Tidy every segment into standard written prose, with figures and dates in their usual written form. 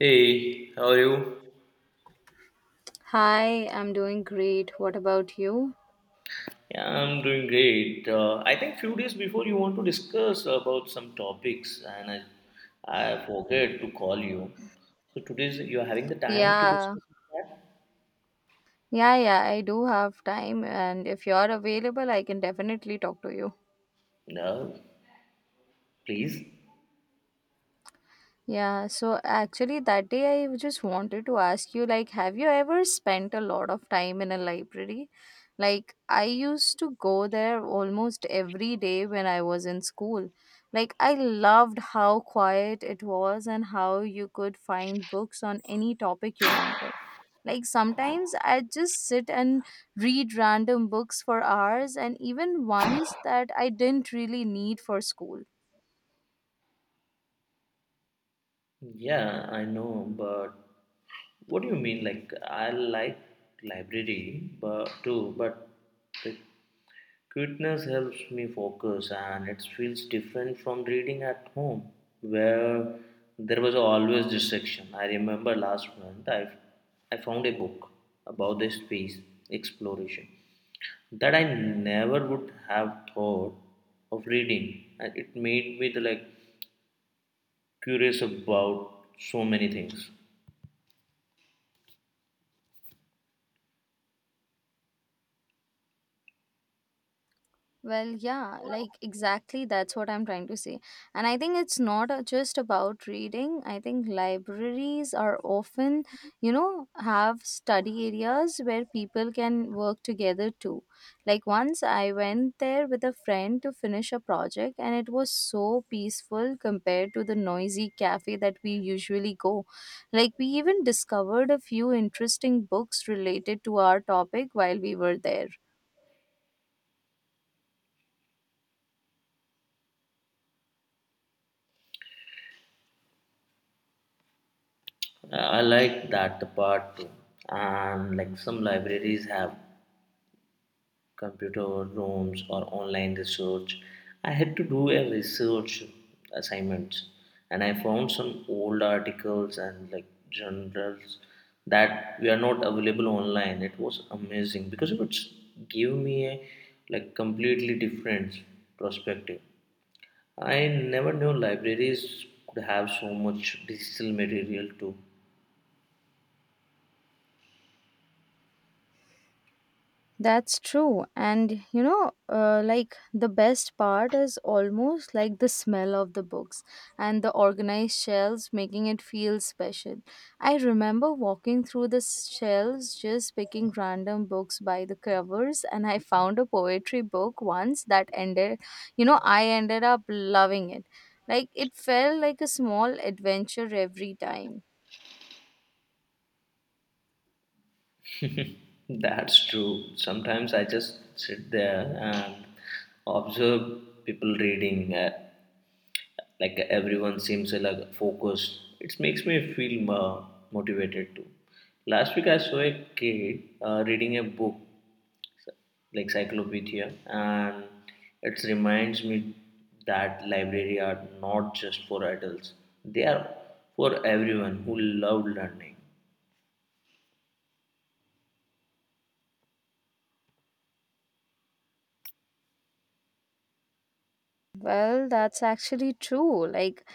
Hey, how are you? Hi, I'm doing great. What about you? Yeah, I'm doing great. I think few days before you want to discuss about some topics, and I forget to call you. So today you're having the time to Yeah. discuss that? Yeah, yeah, I do have time, and if you're available, I can definitely talk to you. No, please. Yeah, so actually that day I just wanted to ask you like have you ever spent a lot of time in a library? Like I used to go there almost every day when I was in school. Like I loved how quiet it was and how you could find books on any topic you wanted. Like sometimes I would just sit and read random books for hours and even ones that I didn't really need for school. Yeah, I know, but what do you mean? Like I like library, but too, but the Cuteness helps me focus and it feels different from reading at home where there was always distraction. I remember last month I found a book about the space exploration that I never would have thought of reading and it made me like curious about so many things. Well, yeah, like exactly that's what I'm trying to say. And I think it's not just about reading. I think libraries are often, you know, have study areas where people can work together too. Like once I went there with a friend to finish a project, and it was so peaceful compared to the noisy cafe that we usually go. Like we even discovered a few interesting books related to our topic while we were there. I like that the part too and like some libraries have computer rooms or online research. I had to do a research assignment and I found some old articles and like journals that were not available online. It was amazing because it would give me a like completely different perspective. I never knew libraries could have so much digital material too. That's true. And you know, like the best part is almost like the smell of the books and the organized shelves making it feel special. I remember walking through the shelves just picking random books by the covers, and I found a poetry book once that ended, you know, I ended up loving it. Like it felt like a small adventure every time. That's true. Sometimes I just sit there and observe people reading. Like everyone seems like focused. It makes me feel motivated too. Last week I saw a kid reading a book like Cyclopedia, and it reminds me that library are not just for adults. They are for everyone who love learning. Well, that's actually true. Like,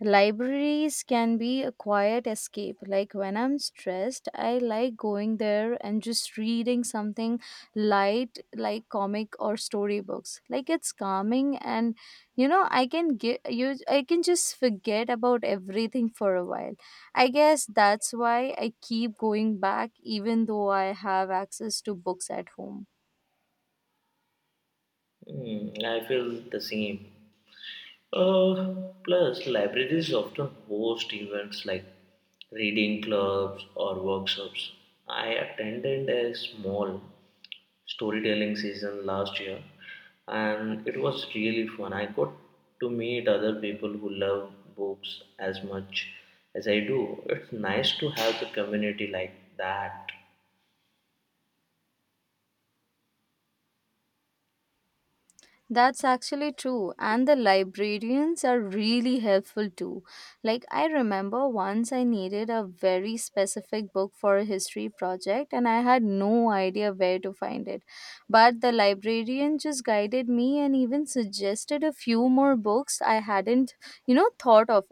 libraries can be a quiet escape. Like, when I'm stressed, I like going there and just reading something light, like comic or storybooks. Like, it's calming, and you know, I can get you, I can just forget about everything for a while. I guess that's why I keep going back, even though I have access to books at home. Mm, I feel the same. Plus, libraries often host events like reading clubs or workshops. I attended a small storytelling season last year and it was really fun. I got to meet other people who love books as much as I do. It's nice to have the community like that. That's actually true, and the librarians are really helpful too. Like, I remember once I needed a very specific book for a history project, and I had no idea where to find it. But the librarian just guided me and even suggested a few more books I hadn't, you know, thought of.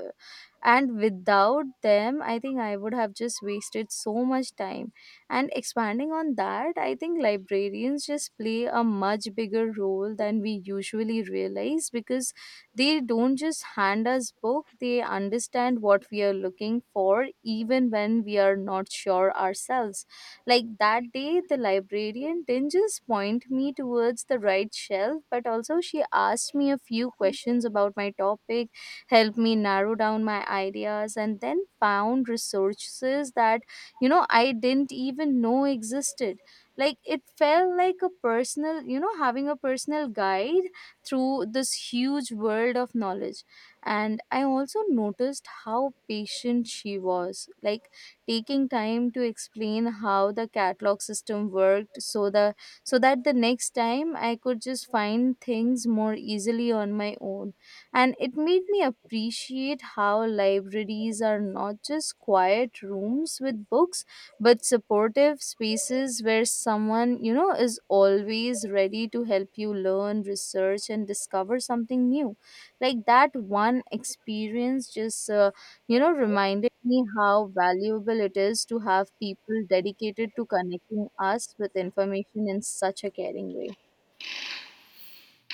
And without them, I think I would have just wasted so much time, and expanding on that, I think librarians just play a much bigger role than we usually realize because they don't just hand us book, they understand what we are looking for even when we are not sure ourselves. Like that day the librarian didn't just point me towards the right shelf, but also she asked me a few questions about my topic, helped me narrow down my ideas, and then found resources that, you know, I didn't even know existed. Like it felt like a personal, you know, having a personal guide through this huge world of knowledge. And I also noticed how patient she was, like taking time to explain how the catalog system worked, so the so that the next time I could just find things more easily on my own. And it made me appreciate how libraries are not just quiet rooms with books, but supportive spaces where someone, you know, is always ready to help you learn, research, and discover something new. Like that one experience just reminded me how valuable it is to have people dedicated to connecting us with information in such a caring way.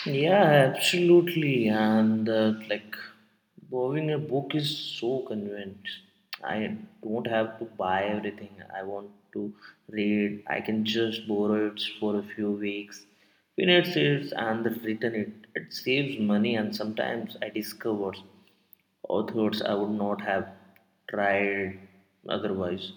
Yeah, absolutely. And like borrowing a book is so convenient. I don't have to buy everything I want to read. I can just borrow it for a few weeks, finish it, and then return it. It saves money, and sometimes I discover authors I would not have tried otherwise.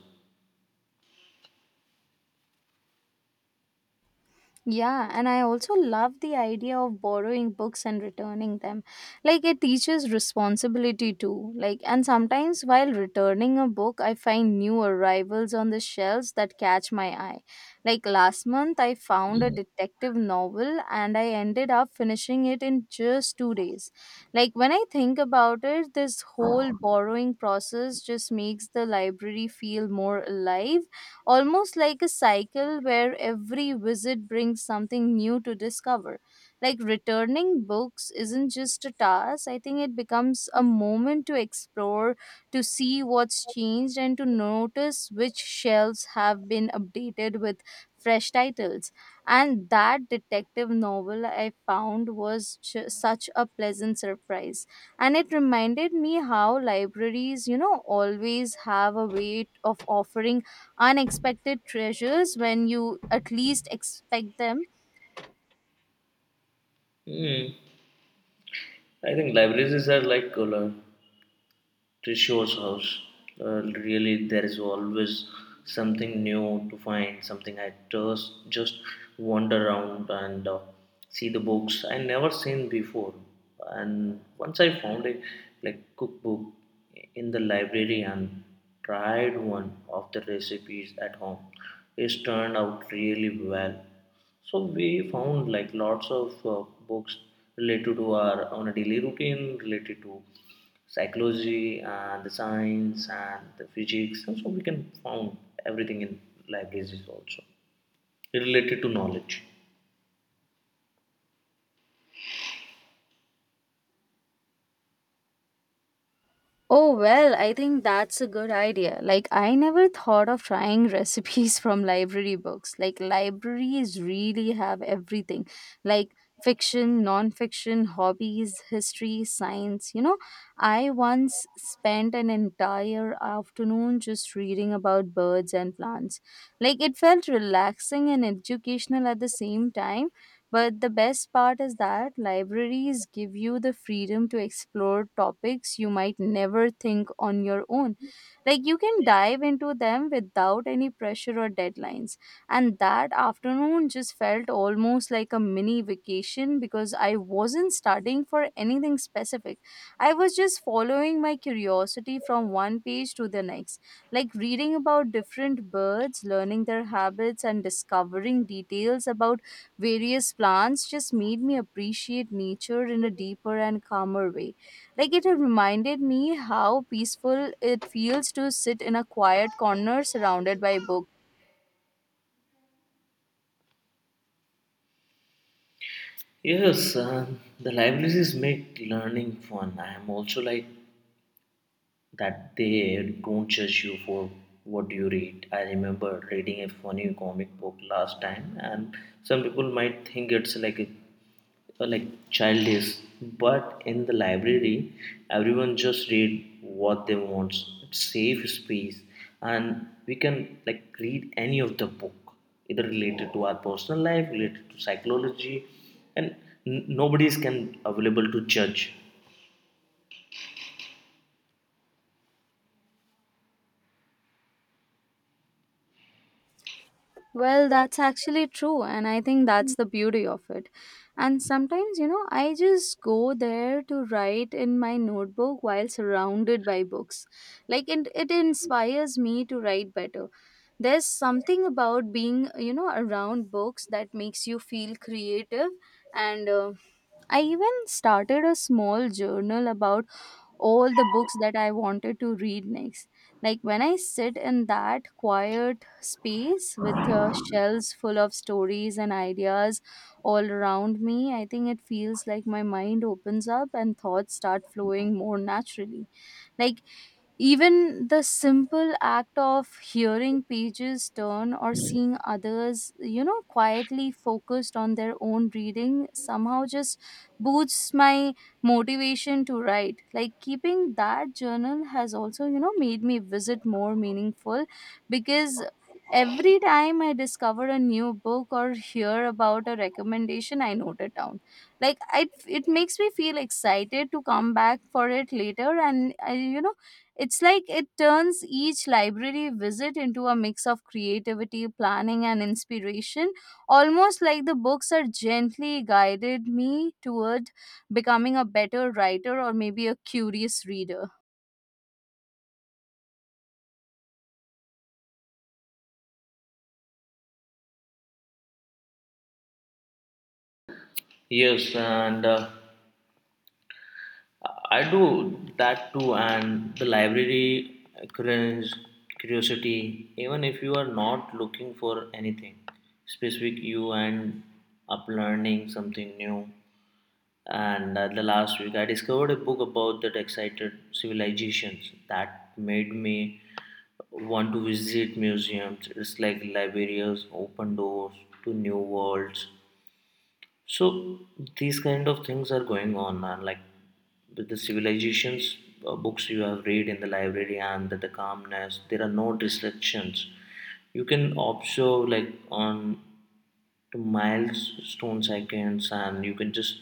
Yeah, and I also love the idea of borrowing books and returning them. Like it teaches responsibility too. Like and sometimes while returning a book, I find new arrivals on the shelves that catch my eye. Like last month I found a detective novel and I ended up finishing it in just 2 days. Like when I think about it, this whole borrowing process just makes the library feel more alive, almost like a cycle where every visit brings something new to discover. Like returning books isn't just a task, I think it becomes a moment to explore, to see what's changed, and to notice which shelves have been updated with fresh titles. And that detective novel I found was such a pleasant surprise, and it reminded me how libraries, you know, always have a way of offering unexpected treasures when you at least expect them. Hmm. I think libraries are like color. Trisho's house. Really, there is always something new to find, something I just wander around and see the books I never seen before. And once I found a like cookbook in the library and tried one of the recipes at home, it turned out really well. So we found like lots of books related to our on a daily routine, related to psychology and the science and the physics, and so we can found everything in libraries is also related to knowledge. Oh, well, I think that's a good idea. Like, I never thought of trying recipes from library books. Like, libraries really have everything like fiction, non fiction, hobbies, history, science. You know, I once spent an entire afternoon just reading about birds and plants. Like, it felt relaxing and educational at the same time. But the best part is that libraries give you the freedom to explore topics you might never think on your own. Like you can dive into them without any pressure or deadlines. And that afternoon just felt almost like a mini vacation because I wasn't studying for anything specific. I was just following my curiosity from one page to the next, like reading about different birds, learning their habits, and discovering details about various plants just made me appreciate nature in a deeper and calmer way. Like it had reminded me how peaceful it feels to sit in a quiet corner surrounded by books. Yes, the libraries make learning fun. I am also like that they don't judge you for what you read. I remember reading a funny comic book last time, and some people might think it's like a like childish but in the library everyone just read what they want, it's safe space and we can like read any of the book either related to our personal life related to psychology and nobody is can available to judge. Well, that's actually true, and I think that's the beauty of it. And sometimes, you know, I just go there to write in my notebook while surrounded by books. Like, it inspires me to write better. There's something about being, you know, around books that makes you feel creative. And I even started a small journal about all the books that I wanted to read next. Like when I sit in that quiet space with shelves full of stories and ideas all around me, I think it feels like my mind opens up and thoughts start flowing more naturally. Like even the simple act of hearing pages turn or seeing others, you know, quietly focused on their own reading somehow just boosts my motivation to write. Like keeping that journal has also, you know, made me visit more meaningful because every time I discover a new book or hear about a recommendation, I note it down. Like I, it makes me feel excited to come back for it later, and I, you know, it's like it turns each library visit into a mix of creativity, planning, and inspiration, almost like the books are gently guided me toward becoming a better writer or maybe a curious reader. Yes and I do that too, and the library currents curiosity. Even if you are not looking for anything specific, you end up learning something new. And the last week, I discovered a book about that excited civilizations that made me want to visit museums. It's like libraries open doors to new worlds. So these kind of things are going on, man. Like with the civilizations books you have read in the library and the calmness, there are no distractions. You can observe like on to milestone seconds and you can just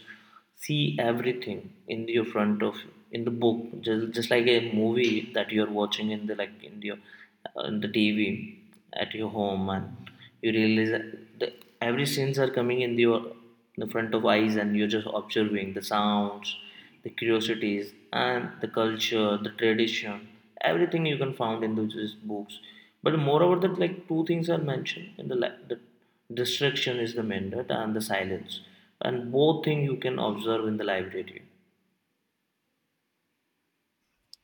see everything in the front of in the book, just like a movie that you're watching in the like in your in the tv at your home and you realize that the, every scenes are coming in your in the front of eyes and you're just observing the sounds the curiosities and the culture the tradition everything you can found in those books but moreover that like two things are mentioned in the the distraction is the mandate and the silence and both thing you can observe in the library.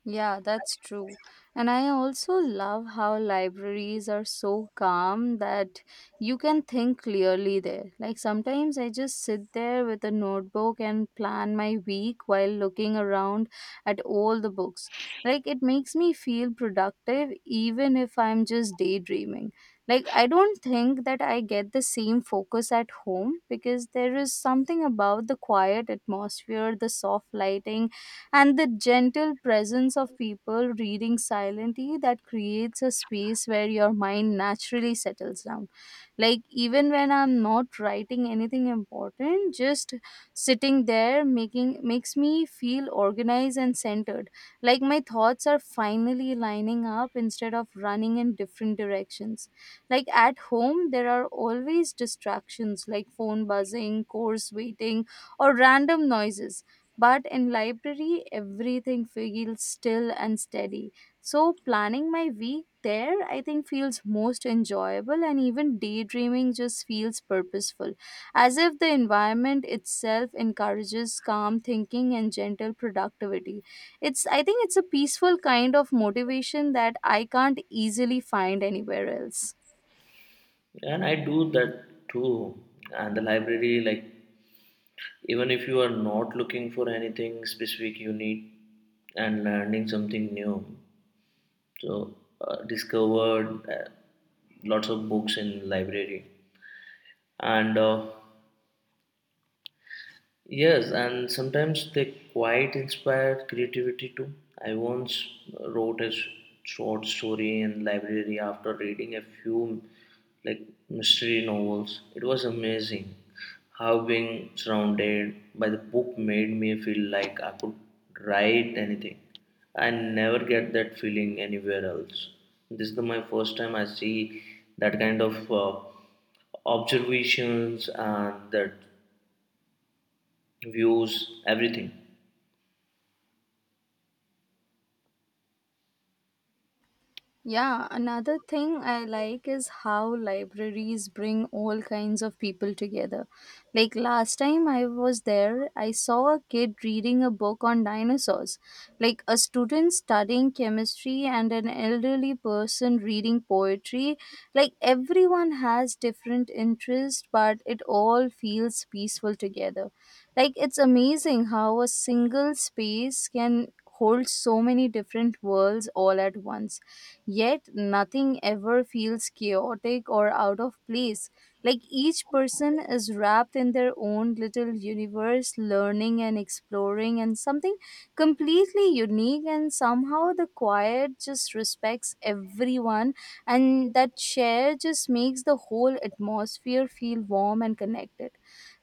Yeah, that's true. And I also love how libraries are so calm that you can think clearly there. Like sometimes I just sit there with a notebook and plan my week while looking around at all the books. Like it makes me feel productive even if I'm just daydreaming. Like I don't think that I get the same focus at home because there is something about the quiet atmosphere, the soft lighting, and the gentle presence of people reading silently that creates a space where your mind naturally settles down. Like, even when I'm not writing anything important, just sitting there making makes me feel organized and centered, like my thoughts are finally lining up instead of running in different directions. Like at home there are always distractions like phone buzzing, course waiting, or random noises, but in library everything feels still and steady, so planning my week there I think feels most enjoyable, and even daydreaming just feels purposeful, as if the environment itself encourages calm thinking and gentle productivity. It's i think it's a peaceful kind of motivation that I can't easily find anywhere else. And I do that too and the library like even if you are not looking for anything specific you need and learning something new so discovered uh, lots of books in library and yes, and sometimes they quite inspire creativity too. I once wrote a short story in library after reading a few like mystery novels. It was amazing how being surrounded by the book made me feel like I could write anything. I never get that feeling anywhere else. This is the, my first time I see that kind of observations and that views, everything. Yeah, another thing I like is how libraries bring all kinds of people together. Like last time I was there, I saw a kid reading a book on dinosaurs, like a student studying chemistry and an elderly person reading poetry. Like everyone has different interests, but it all feels peaceful together. Like it's amazing how a single space can hold so many different worlds all at once. Yet, nothing ever feels chaotic or out of place. Like each person is wrapped in their own little universe, learning and exploring, and something completely unique. And somehow, the quiet just respects everyone, and that share just makes the whole atmosphere feel warm and connected.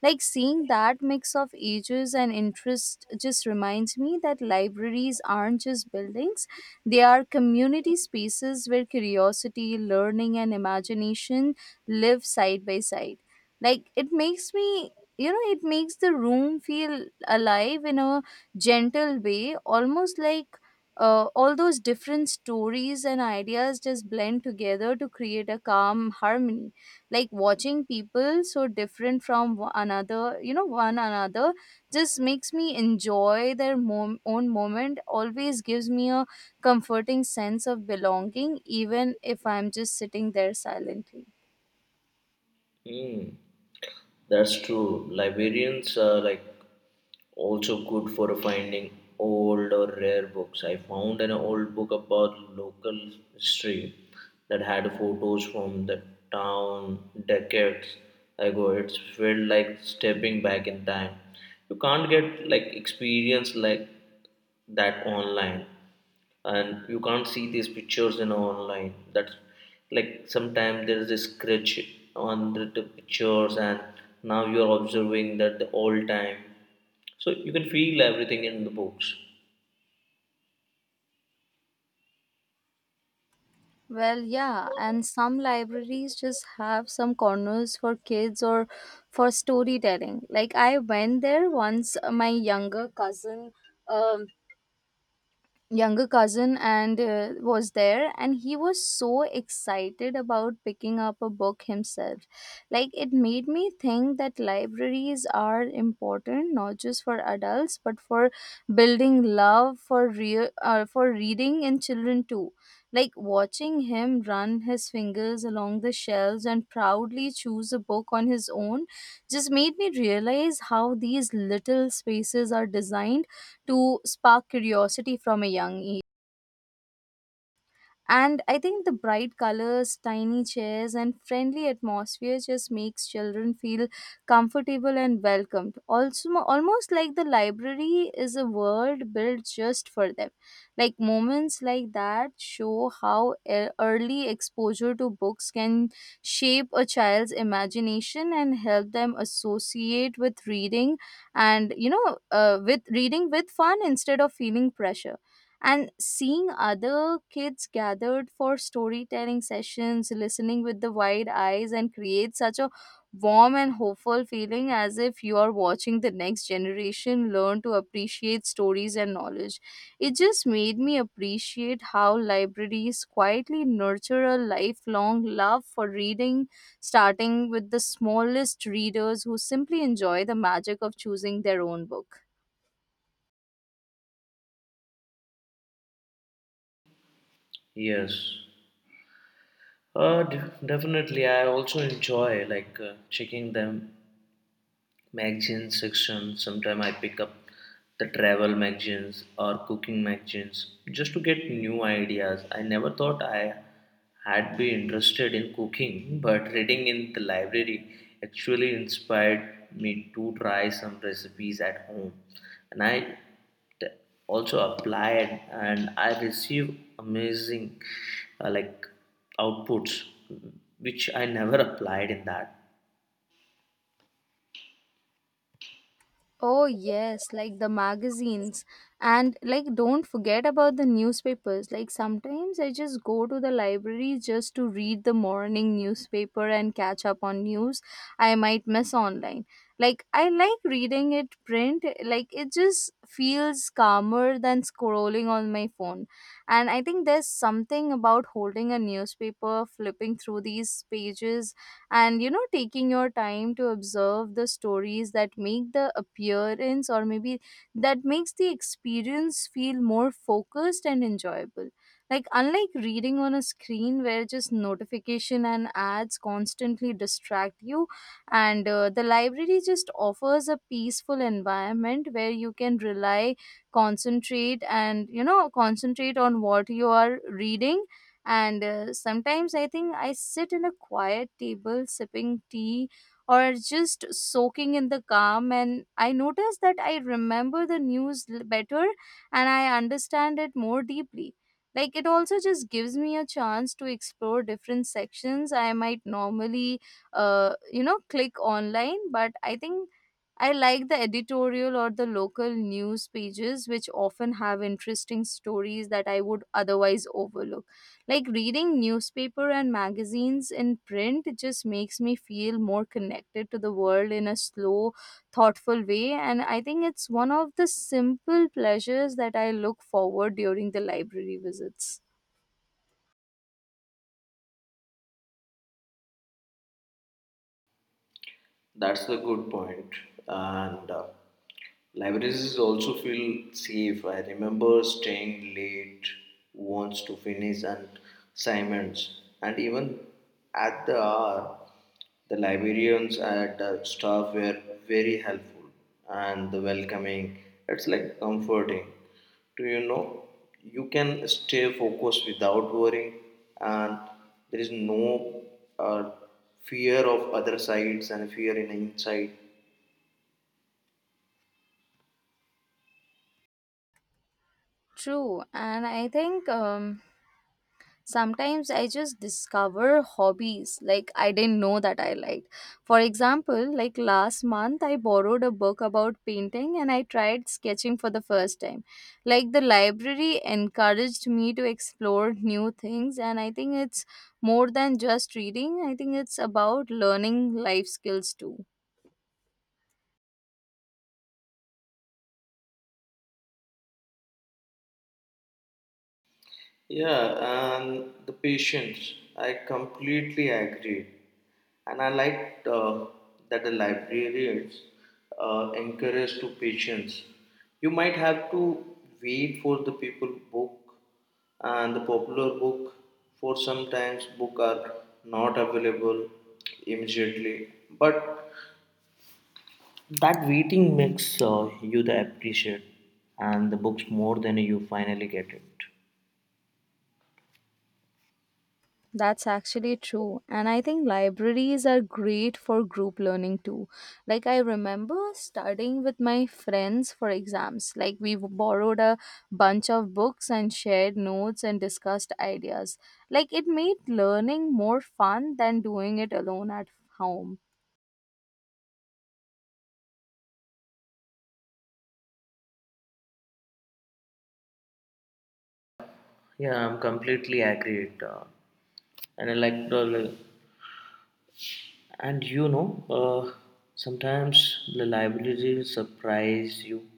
Like seeing that mix of ages and interest just reminds me that libraries aren't just buildings, they are community spaces where curiosity, learning, and imagination live side by side. Like it makes me, you know, it makes the room feel alive in a gentle way, almost like all those different stories and ideas just blend together to create a calm harmony. Like watching people so different from one another, just makes me enjoy their own moment, always gives me a comforting sense of belonging, even if I'm just sitting there silently. Hmm, that's true. Librarians are like also good for finding old or rare books. I found an old book about local history that had photos from the town decades ago. It felt like stepping back in time. You can't get like experience like that online. And you can't see these pictures in online, that's like sometimes there is a scratch on the pictures and now you're observing that the all time so you can feel everything in the books. Well, yeah, and some libraries just have some corners for kids or for storytelling. Like I went there once, my um, younger cousin, and was there, and he was so excited about picking up a book himself. Like it made me think that libraries are important not just for adults but for building love for real, for reading in children too, like watching him run his fingers along the shelves and proudly choose a book on his own just made me realize how these little spaces are designed to spark curiosity from a young age. And I think the bright colors, tiny chairs, and friendly atmosphere just makes children feel comfortable and welcomed. Also, almost like the library is a world built just for them. Like moments like that show how early exposure to books can shape a child's imagination and help them associate with reading and you know with reading with fun instead of feeling pressure, and seeing other kids gathered for storytelling sessions listening with the wide eyes and create such a warm and hopeful feeling, as if you are watching the next generation learn to appreciate stories and knowledge. It just made me appreciate how libraries quietly nurture a lifelong love for reading, starting with the smallest readers who simply enjoy the magic of choosing their own book. Yes uh, d- definitely I also enjoy like checking them magazine section. Sometimes I pick up the travel magazines or cooking magazines just to get new ideas. I never thought I had been interested in cooking, but reading in the library actually inspired me to try some recipes at home. And I t- also applied and I received amazing like outputs which I never applied in that. Oh, yes, like the magazines. And like, don't forget about the newspapers. Like, sometimes I just go to the library just to read the morning newspaper and catch up on news I might miss online. Like, I like reading it print. Like, it just feels calmer than scrolling on my phone. And I think there's something about holding a newspaper, flipping through these pages, and you know taking your time to observe the stories that make the appearance, or maybe that makes the experience feel more focused and enjoyable. Like unlike reading on a screen where just notification and ads constantly distract you, and the library just offers a peaceful environment where you can rely concentrate and you know concentrate on what you are reading. And sometimes I think I sit in a quiet table sipping tea or just soaking in the calm, and I notice that I remember the news better and I understand it more deeply. Like, it also just gives me a chance to explore different sections I might normally, click online, but I think I like the editorial or the local news pages, which often have interesting stories that I would otherwise overlook. Like reading newspaper and magazines in print just makes me feel more connected to the world in a slow, thoughtful way, and I think it's one of the simple pleasures that I look forward during the library visits. That's a good point, and libraries also feel safe. I remember staying late once to finish an assignments, and even at the hour, the librarians and the staff were very helpful and welcoming. It's like comforting. Do you know you can stay focused without worrying, and there is no uh, fear of other sides and fear in inside. True, and I think sometimes I just discover hobbies like I didn't know that I liked. For example, like last month I borrowed a book about painting and I tried sketching for the first time. Like the library encouraged me to explore new things, and I think it's more than just reading. I think it's about learning life skills too. Yeah, and the patience. I completely agree. And I liked that the librarians encourage to patience. You might have to wait for the people book and the popular book for sometimes book are not available immediately. But that waiting makes you the appreciate and the books more than you finally get it. That's actually true. And I think libraries are great for group learning too. Like, I remember studying with my friends for exams. Like, we borrowed a bunch of books and shared notes and discussed ideas. Like, it made learning more fun than doing it alone at home. Yeah, I'm completely agreed. And I like and you know, sometimes the library will surprise you.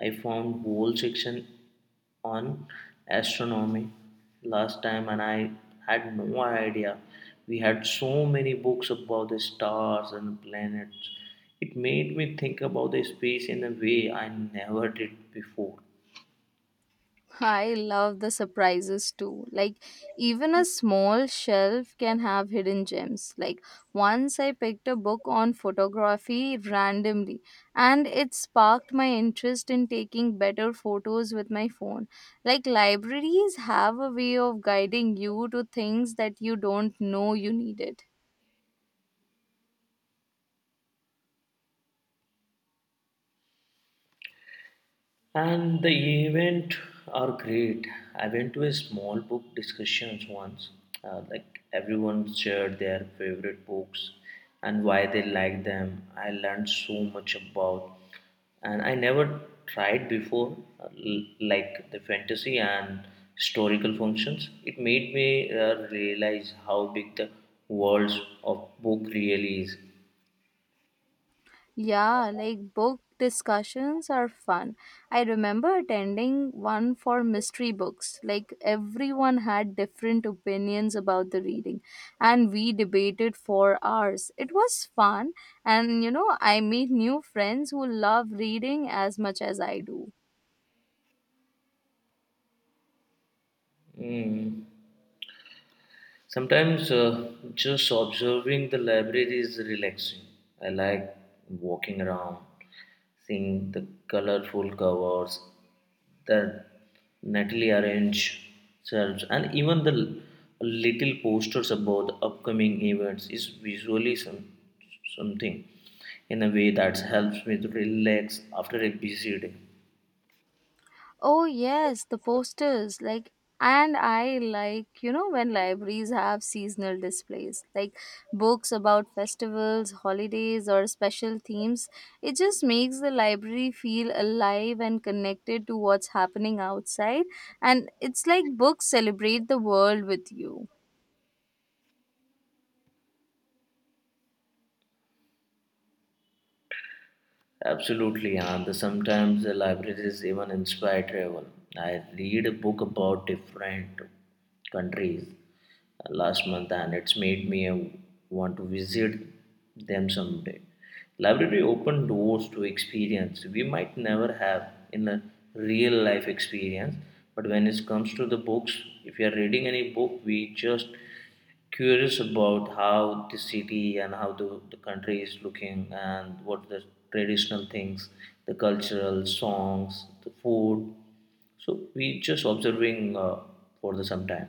I found whole section on astronomy last time, and I had no idea. We had so many books about the stars and planets. It made me think about the space in a way I never did before. I love the surprises too. Like, even a small shelf can have hidden gems. Like, once I picked a book on photography randomly, and it sparked my interest in taking better photos with my phone. Like, libraries have a way of guiding you to things that you don't know you needed. And the event are great. I went to a small book discussions once. Like everyone shared their favorite books and why they like them. I learned so much about, and I never tried before, like the fantasy and historical functions. It made me realize how big the world of book really is. Yeah, like book discussions are fun. I remember attending one for mystery books. Like everyone had different opinions about the reading, and we debated for hours. It was fun, and you know, I made new friends who love reading as much as I do. Mm. Sometimes just observing the library is relaxing. I like walking around, seeing the colorful covers, the neatly arranged shelves, and even the little posters about the upcoming events is visually some, something in a way that helps me to relax after a busy day. Oh yes, the posters, like, and I like you know when libraries have seasonal displays like books about festivals, holidays or special themes. It just makes the library feel alive and connected to what's happening outside, and it's like books celebrate the world with you. Absolutely, and the- sometimes the libraries even inspire travel. I read a book about different countries last month, and it's made me want to visit them someday. Library open doors to experience we might never have in a real life experience, but when it comes to the books, if you are reading any book, we just curious about how the city and how the country is looking and what the traditional things the cultural songs the food so we just observing for the some time.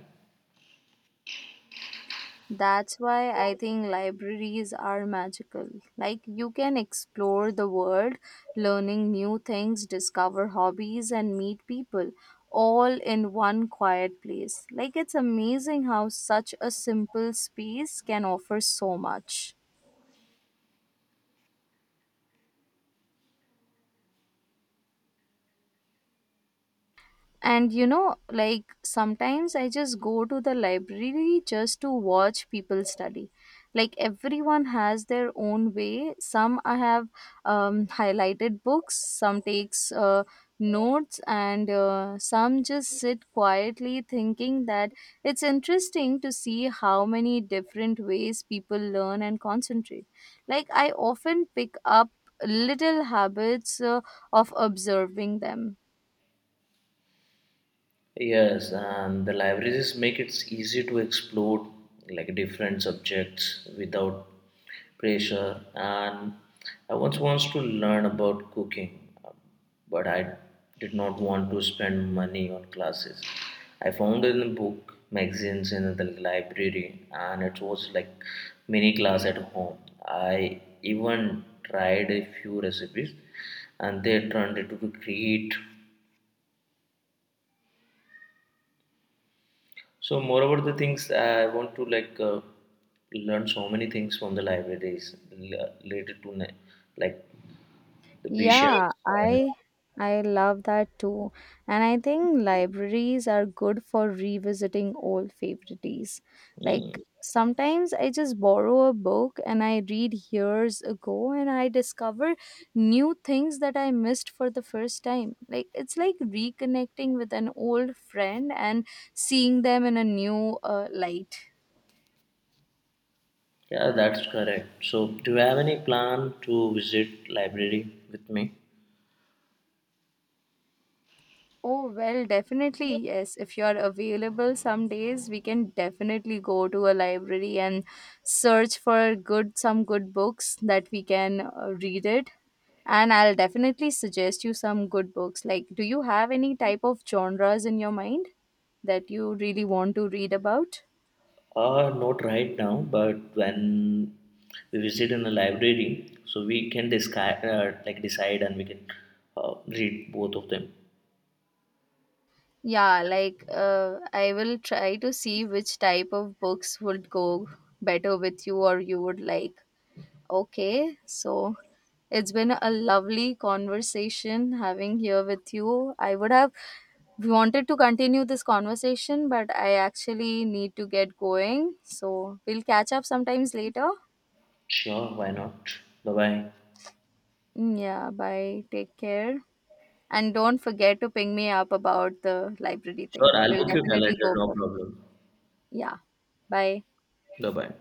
That's why I think libraries are magical. Like, you can explore the world, learning new things, discover hobbies, and meet people all in one quiet place. Like, it's amazing how such a simple space can offer so much. And you know, like sometimes I just go to the library just to watch people study. Like everyone has their own way. Some I have highlighted books, some takes notes, and some just sit quietly thinking that it's interesting to see how many different ways people learn and concentrate. Like I often pick up little habits of observing them. Yes, and the libraries make it easy to explore like different subjects without pressure. And I once wants to learn about cooking, but I did not want to spend money on classes. I found in a book, magazines in the library, and it was like mini class at home. I even tried a few recipes, and they turned into create. So moreover the things I want to like learn so many things from the libraries related to like the Yeah, patients and I I love that too. And I think libraries are good for revisiting old favorites. Like mm, sometimes I just borrow a book and I read years ago and I discover new things that I missed for the first time. Like it's like reconnecting with an old friend and seeing them in a new light. yeah that's correct. So do you have any plan to visit library with me? Oh, well, definitely, yes. If you are available some days, we can definitely go to a library and search for good some good books that we can read it. And I'll definitely suggest you some good books. Like, do you have any type of genres in your mind that you really want to read about? Not right now, but when we visit in a library, so we can discuss, like decide and we can read both of them. Yeah, like I will try to see which type of books would go better with you or you would like. Okay, so it's been a lovely conversation having here with you. I would have wanted to continue this conversation, but I actually need to get going. So we'll catch up sometimes later. Sure, why not? Bye bye. Mm, yeah, bye. Take care. And don't forget to ping me up about the library Sure, thing. I'll We'll book your definitely calendar, go no for. problem. Yeah. Bye. Bye bye.